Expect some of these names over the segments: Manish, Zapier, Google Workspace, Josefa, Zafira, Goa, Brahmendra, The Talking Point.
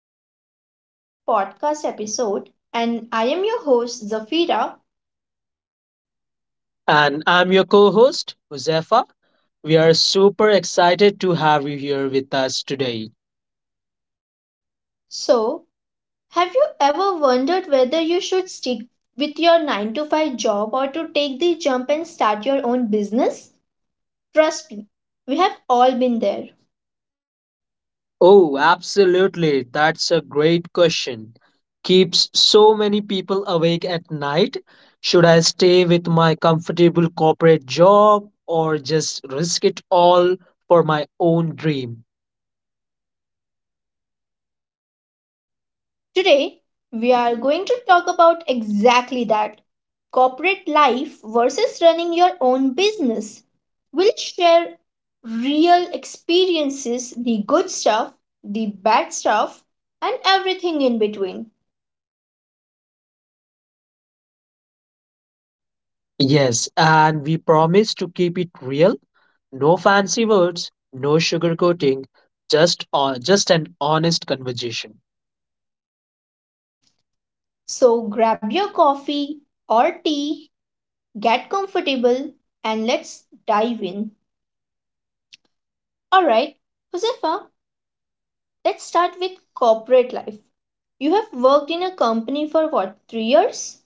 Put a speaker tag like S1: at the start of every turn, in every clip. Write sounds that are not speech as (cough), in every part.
S1: our very first podcast episode, and I am your host Zafira.
S2: And I'm your co host, Josefa. We are super excited to have you here with us today.
S1: So, have you ever wondered whether you should stick with your 9 to 5 job or to take the jump and start your own business? Trust me, we have all been there.
S2: Oh, absolutely. That's a great question. Keeps so many people awake at night. Should I stay with my comfortable corporate job or just risk it all for my own dream?
S1: Today, we are going to talk about exactly that corporate life versus running your own business. We'll share real experiences, the good stuff, the bad stuff, and everything in between.
S2: Yes, and we promise to keep it real. No fancy words, no sugarcoating, just an honest conversation.
S1: So grab your coffee or tea, get comfortable, and let's dive in. Alright, Josefa, let's start with corporate life. You have worked in a company for what, 3 years?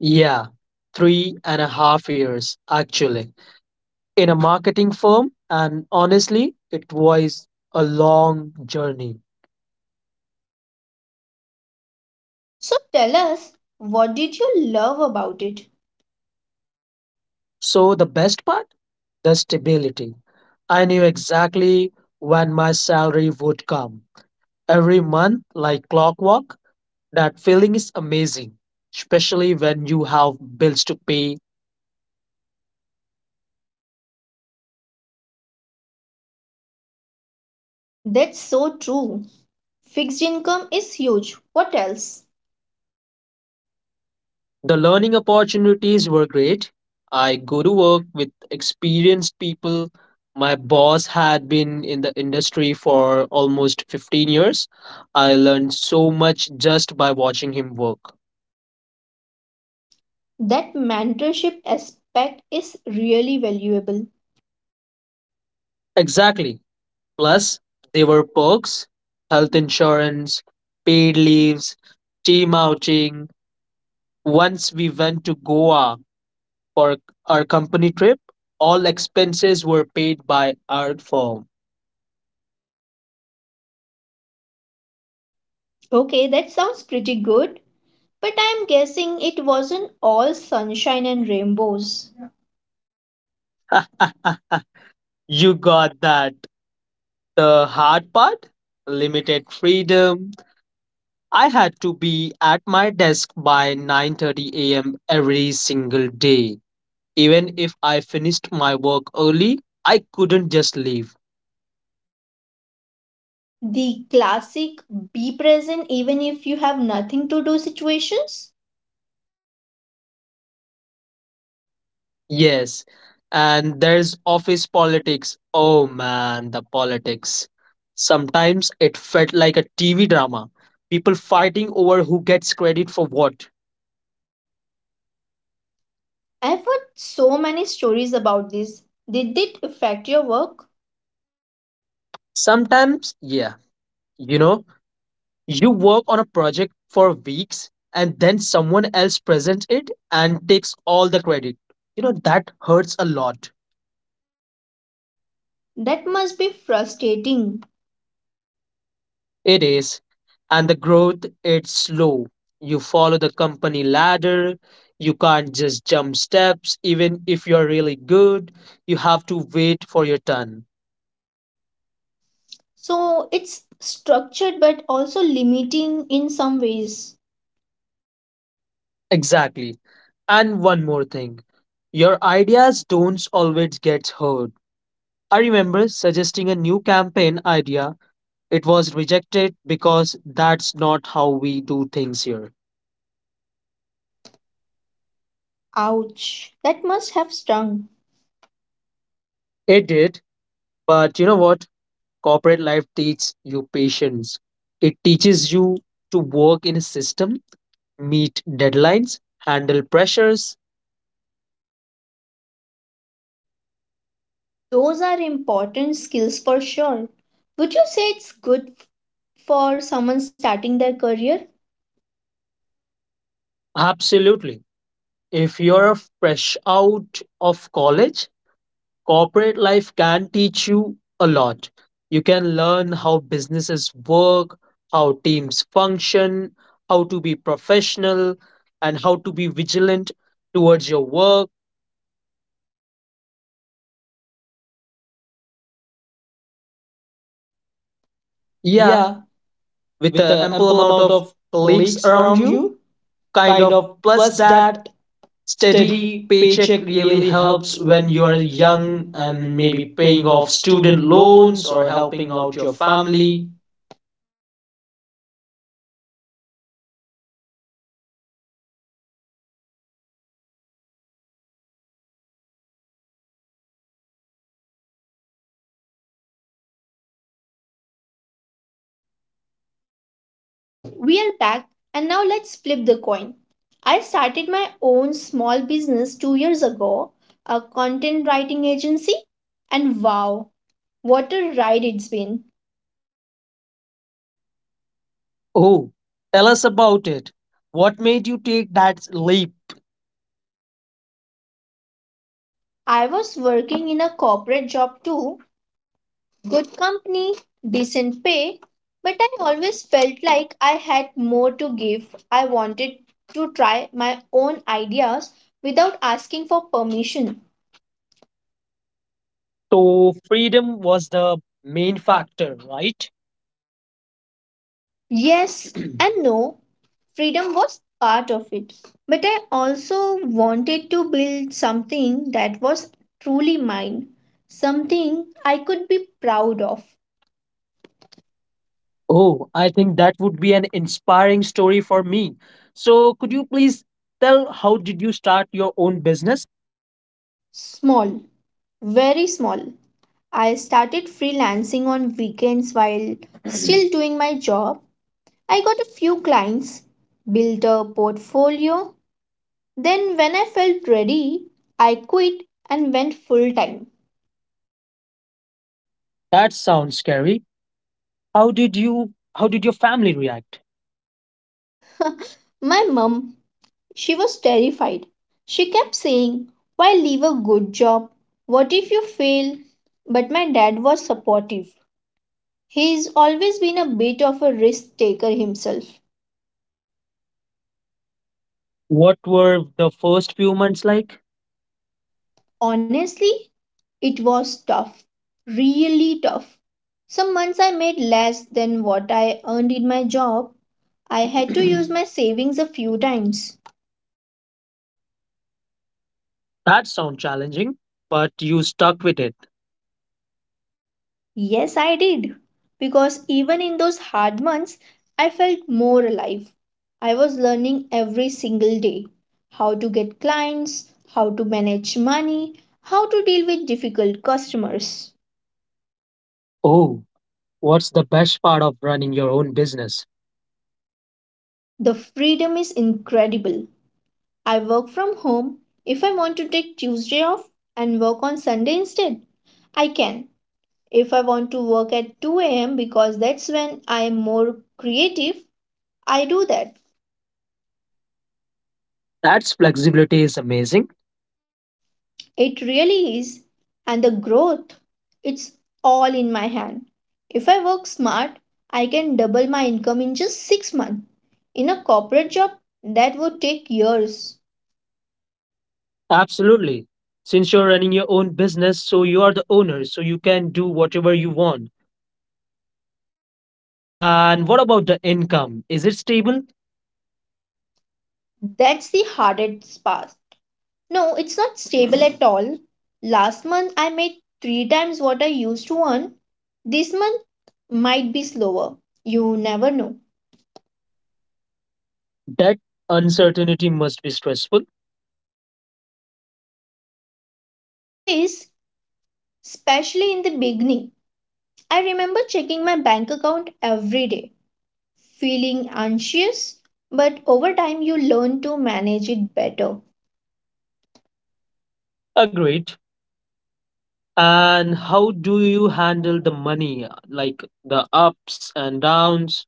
S2: Yeah, 3.5 years actually in a marketing firm, and honestly, it was a long journey.
S1: So tell us, what did you love about it?
S2: So, the best part? The stability. I knew exactly when my salary would come every month, like clockwork. That feeling is amazing, especially when you have bills to pay.
S1: That's so true. Fixed income is huge. What else?
S2: The learning opportunities were great. I go to work with experienced people. My boss had been in the industry for almost 15 years. I learned so much just by watching him work.
S1: That mentorship aspect is really valuable.
S2: Exactly. Plus, there were perks: health insurance, paid leaves, team outing. Once we went to Goa for our company trip, all expenses were paid by our firm.
S1: Okay, that sounds pretty good, but I'm guessing it wasn't all sunshine and rainbows.
S2: (laughs) You got that. The hard part? Limited freedom. I had to be at my desk by 9:30 a.m. every single day. Even if I finished my work early, I couldn't just leave.
S1: The classic be present even if you have nothing to do situations?
S2: Yes. And there's office politics. Oh man, the politics. Sometimes it felt like a TV drama. People fighting over who gets credit for what.
S1: I've heard so many stories about this. Did it affect your work?
S2: Sometimes, yeah, you know You work on a project for weeks and then someone else presents it and takes all the credit. That hurts a lot.
S1: That must be frustrating.
S2: It is. And the growth, it's slow. You follow the company ladder. You can't just jump steps, even if you're really good. You have to wait for your turn.
S1: So it's structured but also limiting in some ways.
S2: Exactly. And one more thing: your ideas don't always get heard. I remember suggesting a new campaign idea. It was rejected because that's not how we do things here.
S1: Ouch, that must have stung.
S2: It did, but you know what? Corporate life teaches you patience. It teaches you to work in a system, meet deadlines, handle pressures.
S1: Those are important skills for sure. Would you say it's for someone starting their career?
S2: Absolutely. If you're fresh out of college, corporate life can teach you a lot. You can learn how businesses work, how teams function, how to be professional, and how to be vigilant towards your work. Yeah,
S1: Yeah,
S2: with
S1: with
S2: an
S1: an
S2: ample
S1: ample
S2: amount
S1: amount
S2: of
S1: of
S2: colleagues
S1: colleagues
S2: around
S1: around
S2: you,
S1: you,
S2: kind
S1: kind
S2: of.
S1: of
S2: Plus,
S1: plus
S2: that
S1: that
S2: steady
S1: steady
S2: paycheck
S1: paycheck
S2: really
S1: really
S2: helps
S1: helps
S2: when
S1: when
S2: you are
S1: you're
S2: young
S1: young
S2: and
S1: and maybe
S2: maybe paying
S1: paying
S2: off
S1: off
S2: student
S1: student
S2: loans
S1: loans
S2: or
S1: or helping
S2: helping out
S1: out your
S2: your family.
S1: family. So we are back, and now let's flip the coin. I started my own small business 2 years ago, a content writing agency, and wow, what a ride it's been!
S2: Oh, tell us about it. What made you take that leap?
S1: I was working in a corporate job too, good company, decent pay, but I always felt like I had more to give. I wanted to try my own ideas without asking for permission.
S2: So, freedom was the main factor, right?
S1: Yes (clears throat) and no. Freedom was part of it. But I also wanted to build something that was truly mine, something I could be proud of.
S2: Oh, I think that would be an inspiring story for me. So, could you please tell how did you start your own business?
S1: Small, very small. I started freelancing on weekends while still (clears throat) doing my job. I got a few clients, built a portfolio. Then, when I felt ready, I quit and went full time.
S2: That sounds scary. How did you how did your family react?
S1: (laughs) My mom, she was terrified. She kept saying, why leave a good job? What if you fail? But my dad was supportive. He's always been a bit of a risk taker himself.
S2: What were the first few months like?
S1: Honestly, it was tough. Really tough. Some months I made less than what I earned in my job. I had to (clears throat) use my savings a few times.
S2: That sounds challenging, but you stuck with it.
S1: Yes, I did. Because even in those hard months, I felt more alive. I was learning every single day how to get clients, how to manage money, how to deal with difficult customers.
S2: Oh, what's the best part of running your own business?
S1: The freedom is incredible. I work from home. If I want to take Tuesday off and work on Sunday instead, I can. If I want to work at 2 a.m. because that's when I am more creative, I do that.
S2: That's flexibility is amazing.
S1: It really is. And the growth, it's all in my hand. If I work smart, I can double my income in just 6 months. In a corporate job, that would take years.
S2: Absolutely. Since you're running your own business, so you are the owner, so you can do whatever you want. And what about the income? Is it stable?
S1: That's the hardest part. No, it's not stable at all. Last month, I made three times what I used to earn. This month might be slower. You never know.
S2: That uncertainty must be stressful.
S1: It is, especially in the beginning. I remember checking my bank account every day feeling anxious, but over time you learn to manage it better.
S2: Agreed. And how do you handle the money, like the ups and downs?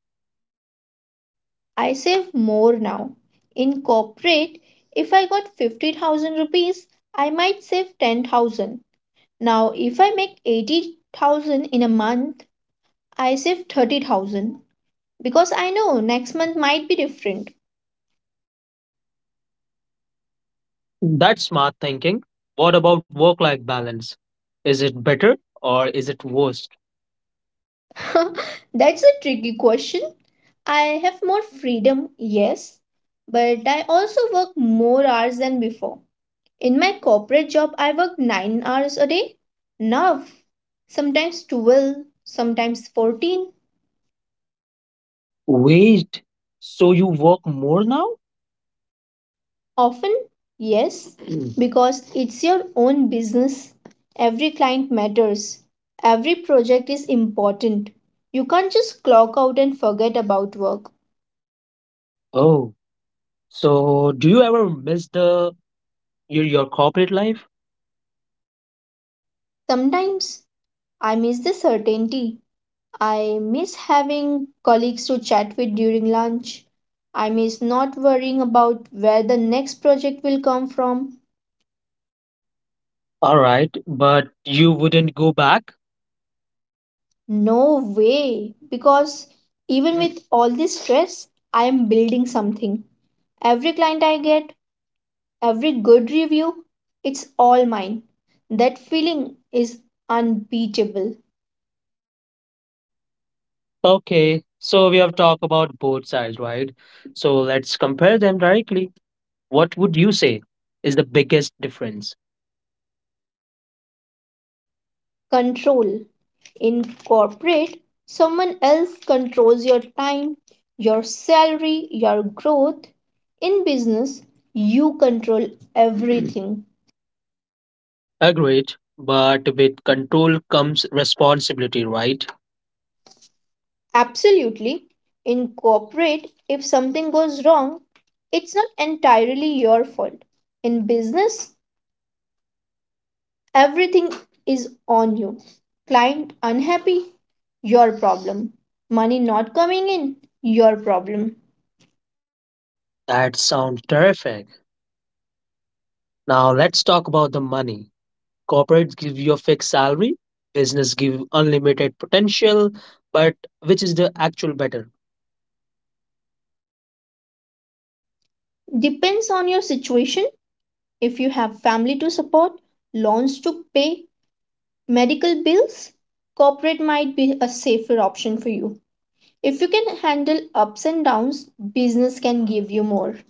S1: I save more now. In corporate, if I got 50,000 rupees, I might save 10,000. Now, if I make 80,000 in a month, I save 30,000 because I know next month might be different.
S2: That's smart thinking. What about work life balance? Is it better or is it worse?
S1: (laughs) That's a tricky question. I have more freedom, yes, but I also work more hours than before. In my corporate job, I worked 9 hours a day. Now, sometimes 12, sometimes 14.
S2: Wait, so you work more now?
S1: Often, yes, because it's your own business. Every client matters. Every project is important. You can't just clock out and forget about work.
S2: Oh. So, do you ever miss your corporate life?
S1: Sometimes I miss the certainty. I miss having colleagues to chat with during lunch. I miss not worrying about where the next project will come from.
S2: All right, but you wouldn't go back?
S1: No way. Because even with all this stress, I am building something. Every client I get, every good review, it's all mine. That feeling is unbeatable.
S2: Okay. So, we have talked about both sides, right? So, let's compare them directly. What would you say is the biggest difference?
S1: Control. In corporate, someone else controls your time, your salary, your growth. In business, you control everything.
S2: Agreed, but with control comes responsibility, right?
S1: Absolutely. In corporate, if something goes wrong, it's not entirely your fault. In business, everything is on you. Client unhappy, your problem. Money not coming in, your problem.
S2: That sounds terrific. Now, let's talk about the money. Corporate give you a fixed salary, business give unlimited potential, but which is the actual better?
S1: Depends on your situation. If you have family to support, loans to pay, medical bills, corporate might be a safer option for you. If you can handle ups and downs, business can give you more.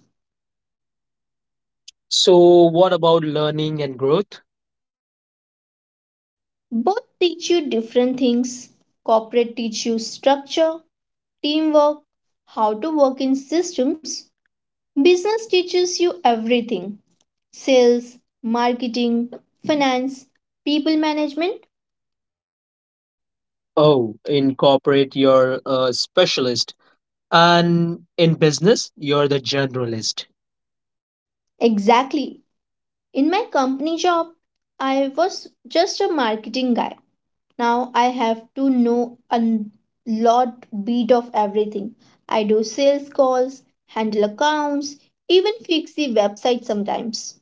S2: So, what about learning and growth?
S1: Both teach you different things. Corporate teach you structure, teamwork, how to work in systems. Business teaches you everything. Sales, marketing, finance, people management.
S2: Oh, incorporate your specialist, and in business, you're the generalist.
S1: Exactly. In my company job, I was just a marketing guy. Now I have to know a lot bit of everything. I do sales calls, handle accounts, even fix the website sometimes.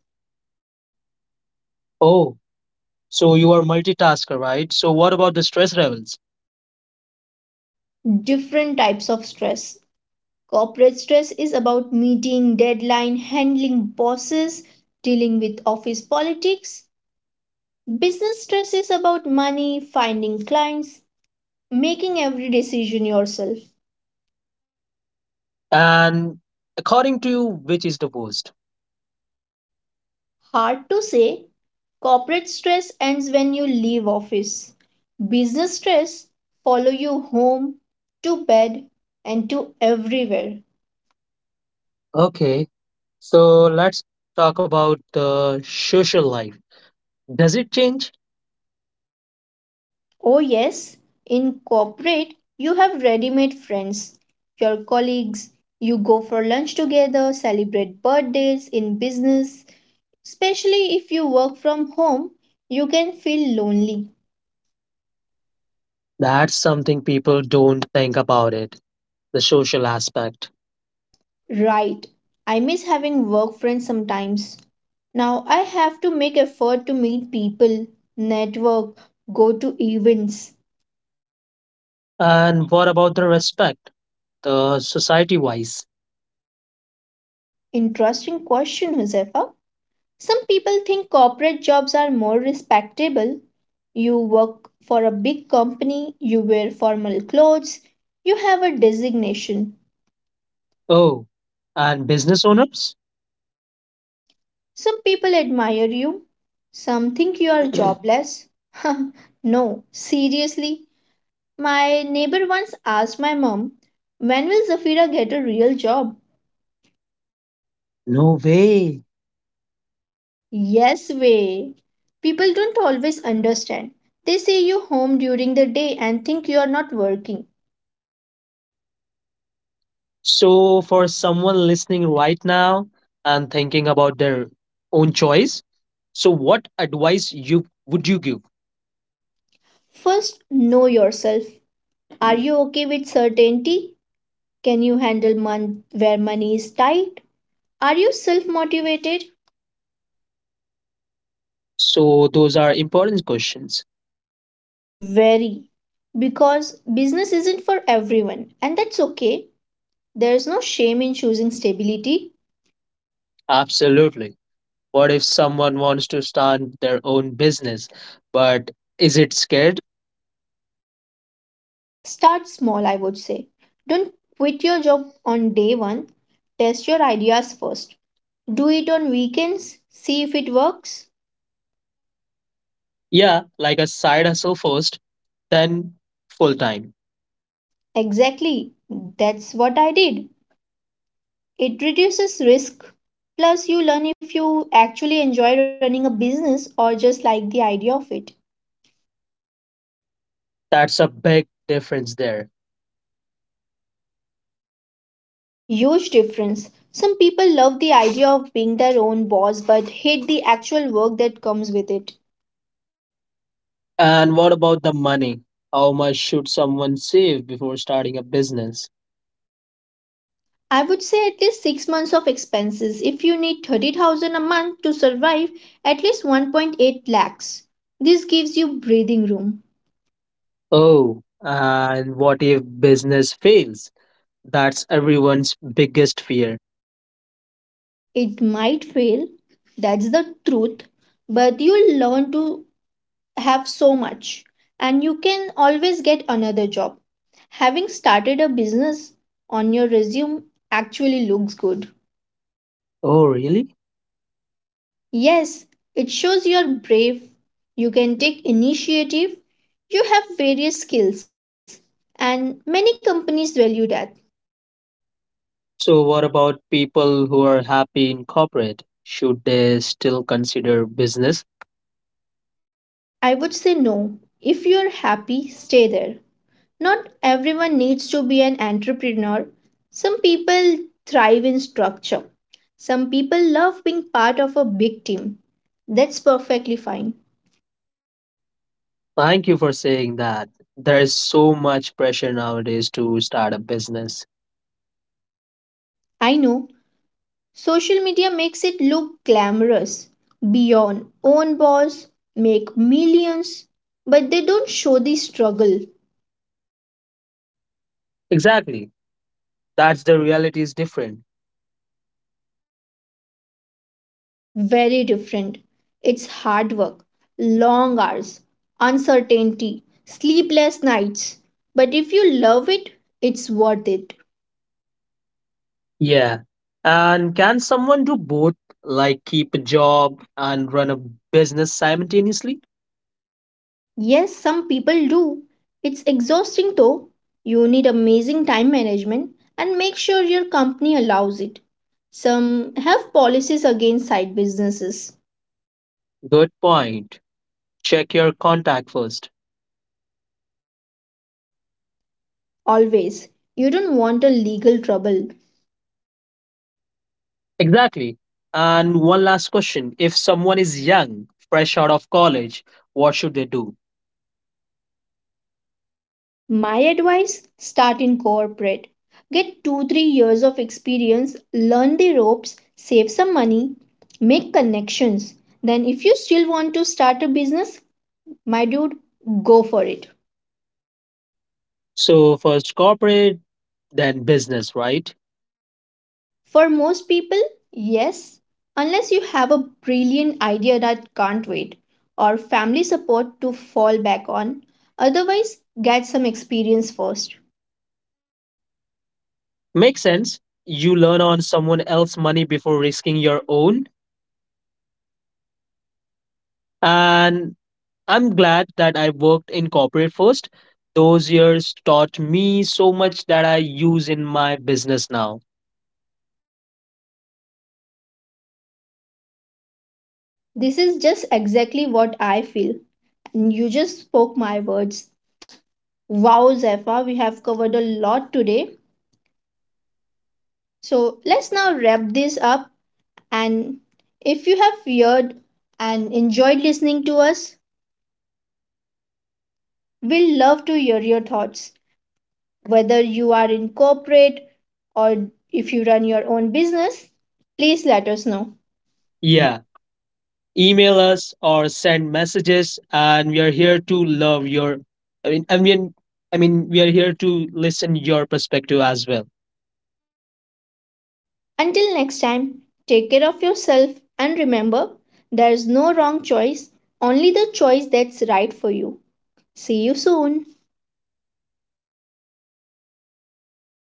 S2: Oh, so you are multitasker, right? So, what about the stress levels?
S1: Different types of stress. Corporate stress is about meeting deadline, handling bosses, dealing with office politics. Business stress is about money, finding clients, making every decision yourself.
S2: And according to you, which is the worst?
S1: Hard to say, corporate stress ends when you leave office. Business stress follow you home, to bed and to everywhere.
S2: Okay, so let's talk about the social life. Does it change?
S1: Oh, yes. In corporate, you have ready made friends, your colleagues. You go for lunch together, celebrate birthdays in business. Especially if you work from home, you can feel lonely.
S2: That's something people don't think about it, the social aspect.
S1: Right. I miss having work friends sometimes. Now I have to make effort to meet people, network, go to events.
S2: And what about the respect, the society wise?
S1: Interesting question, Josefa. Some people think corporate jobs are more respectable. You work for a big company, you wear formal clothes, you have a designation.
S2: Oh, and business owners?
S1: Some people admire you, some think you are (clears throat) jobless. (laughs) No, seriously. My neighbor once asked my mom, when will Zafira get a real job?
S2: No way.
S1: Yes, way. People don't always understand. They say you home during the day and think you are not working.
S2: So, for someone listening right now and thinking about their own choice, so what advice you would you give?
S1: First, know yourself. Are you okay with certainty? Can you handle month where money is tight? Are you self motivated?
S2: So, those are important questions.
S1: Very. Because business isn't for everyone, and that's okay. There's no shame in choosing stability.
S2: Absolutely. What if someone wants to start their own business, but is it scared?
S1: Start small, I would say. Don't quit your job on day one. Test your ideas first. Do it on weekends. See if it works.
S2: Yeah, like a side hustle first, then full time.
S1: Exactly. That's what I did. It reduces risk. Plus, you learn if you actually enjoy running a business or just like the idea of it.
S2: That's a big difference there.
S1: Huge difference. Some people love the idea of being their own boss but hate the actual work that comes with it.
S2: And what about the money? How much should someone save before starting a business?
S1: I would say at least 6 months of expenses. If you need 30,000 a month to survive, at least 1.8 lakhs. This gives you breathing room.
S2: Oh, and what if business fails? That's everyone's biggest fear.
S1: It might fail, that's the truth, but you'll learn to have so much and you can always get another job. Having started a business on your resume actually looks good.
S2: Oh, really?
S1: Yes, it shows you're brave, you can take initiative, you have various skills, and many companies value that.
S2: So, what about people who are happy in corporate? Should they still consider business?
S1: I would say no. If you're happy, stay there. Not everyone needs to be an entrepreneur. Some people thrive in structure. Some people love being part of a big team. That's perfectly fine.
S2: Thank you for saying that. There is so much pressure nowadays to start a business.
S1: I know social media makes it look glamorous. Be your own boss, make millions, but they don't show the struggle.
S2: Exactly. That's the reality is different.
S1: Very different. It's hard work, long hours, uncertainty, sleepless nights. But if you love it, it's worth it.
S2: Yeah. And can someone do both, like keep a job and run a business simultaneously?
S1: Yes, some people do. It's exhausting though. You need amazing time management and make sure your company allows it. Some have policies against side businesses.
S2: Good point. Check your contact first.
S1: Always. You don't want a legal trouble.
S2: Exactly. And one last question: if someone is young, fresh out of college, what should they do?
S1: My advice start in corporate. Get 2 3 years of experience, learn the ropes, save some money, make connections. Then, if you still want to start a business, my dude, go for it.
S2: So, first corporate, then business, right?
S1: For most people, yes, unless you have a brilliant idea that can't wait or family support to fall back on. Otherwise, get some experience first.
S2: Makes sense. You learn on someone else's money before risking your own. And I'm glad that I worked in corporate first. Those years taught me so much that I use in my business now.
S1: This is just exactly what I feel, and you just spoke my words. Wow, Zephyr, we have covered a lot today. So let's now wrap this up. And if you have heard and enjoyed listening to us, we'd love to hear your thoughts. Whether you are in corporate or if you run your own business, please let us know. Yeah.
S2: Yeah, email us or send messages, and we are here to love your. I mean, I mean, I mean, we are here to listen your perspective as well.
S1: Until next time, take care of yourself and remember there is no wrong choice, only the choice that's right for you. See you soon.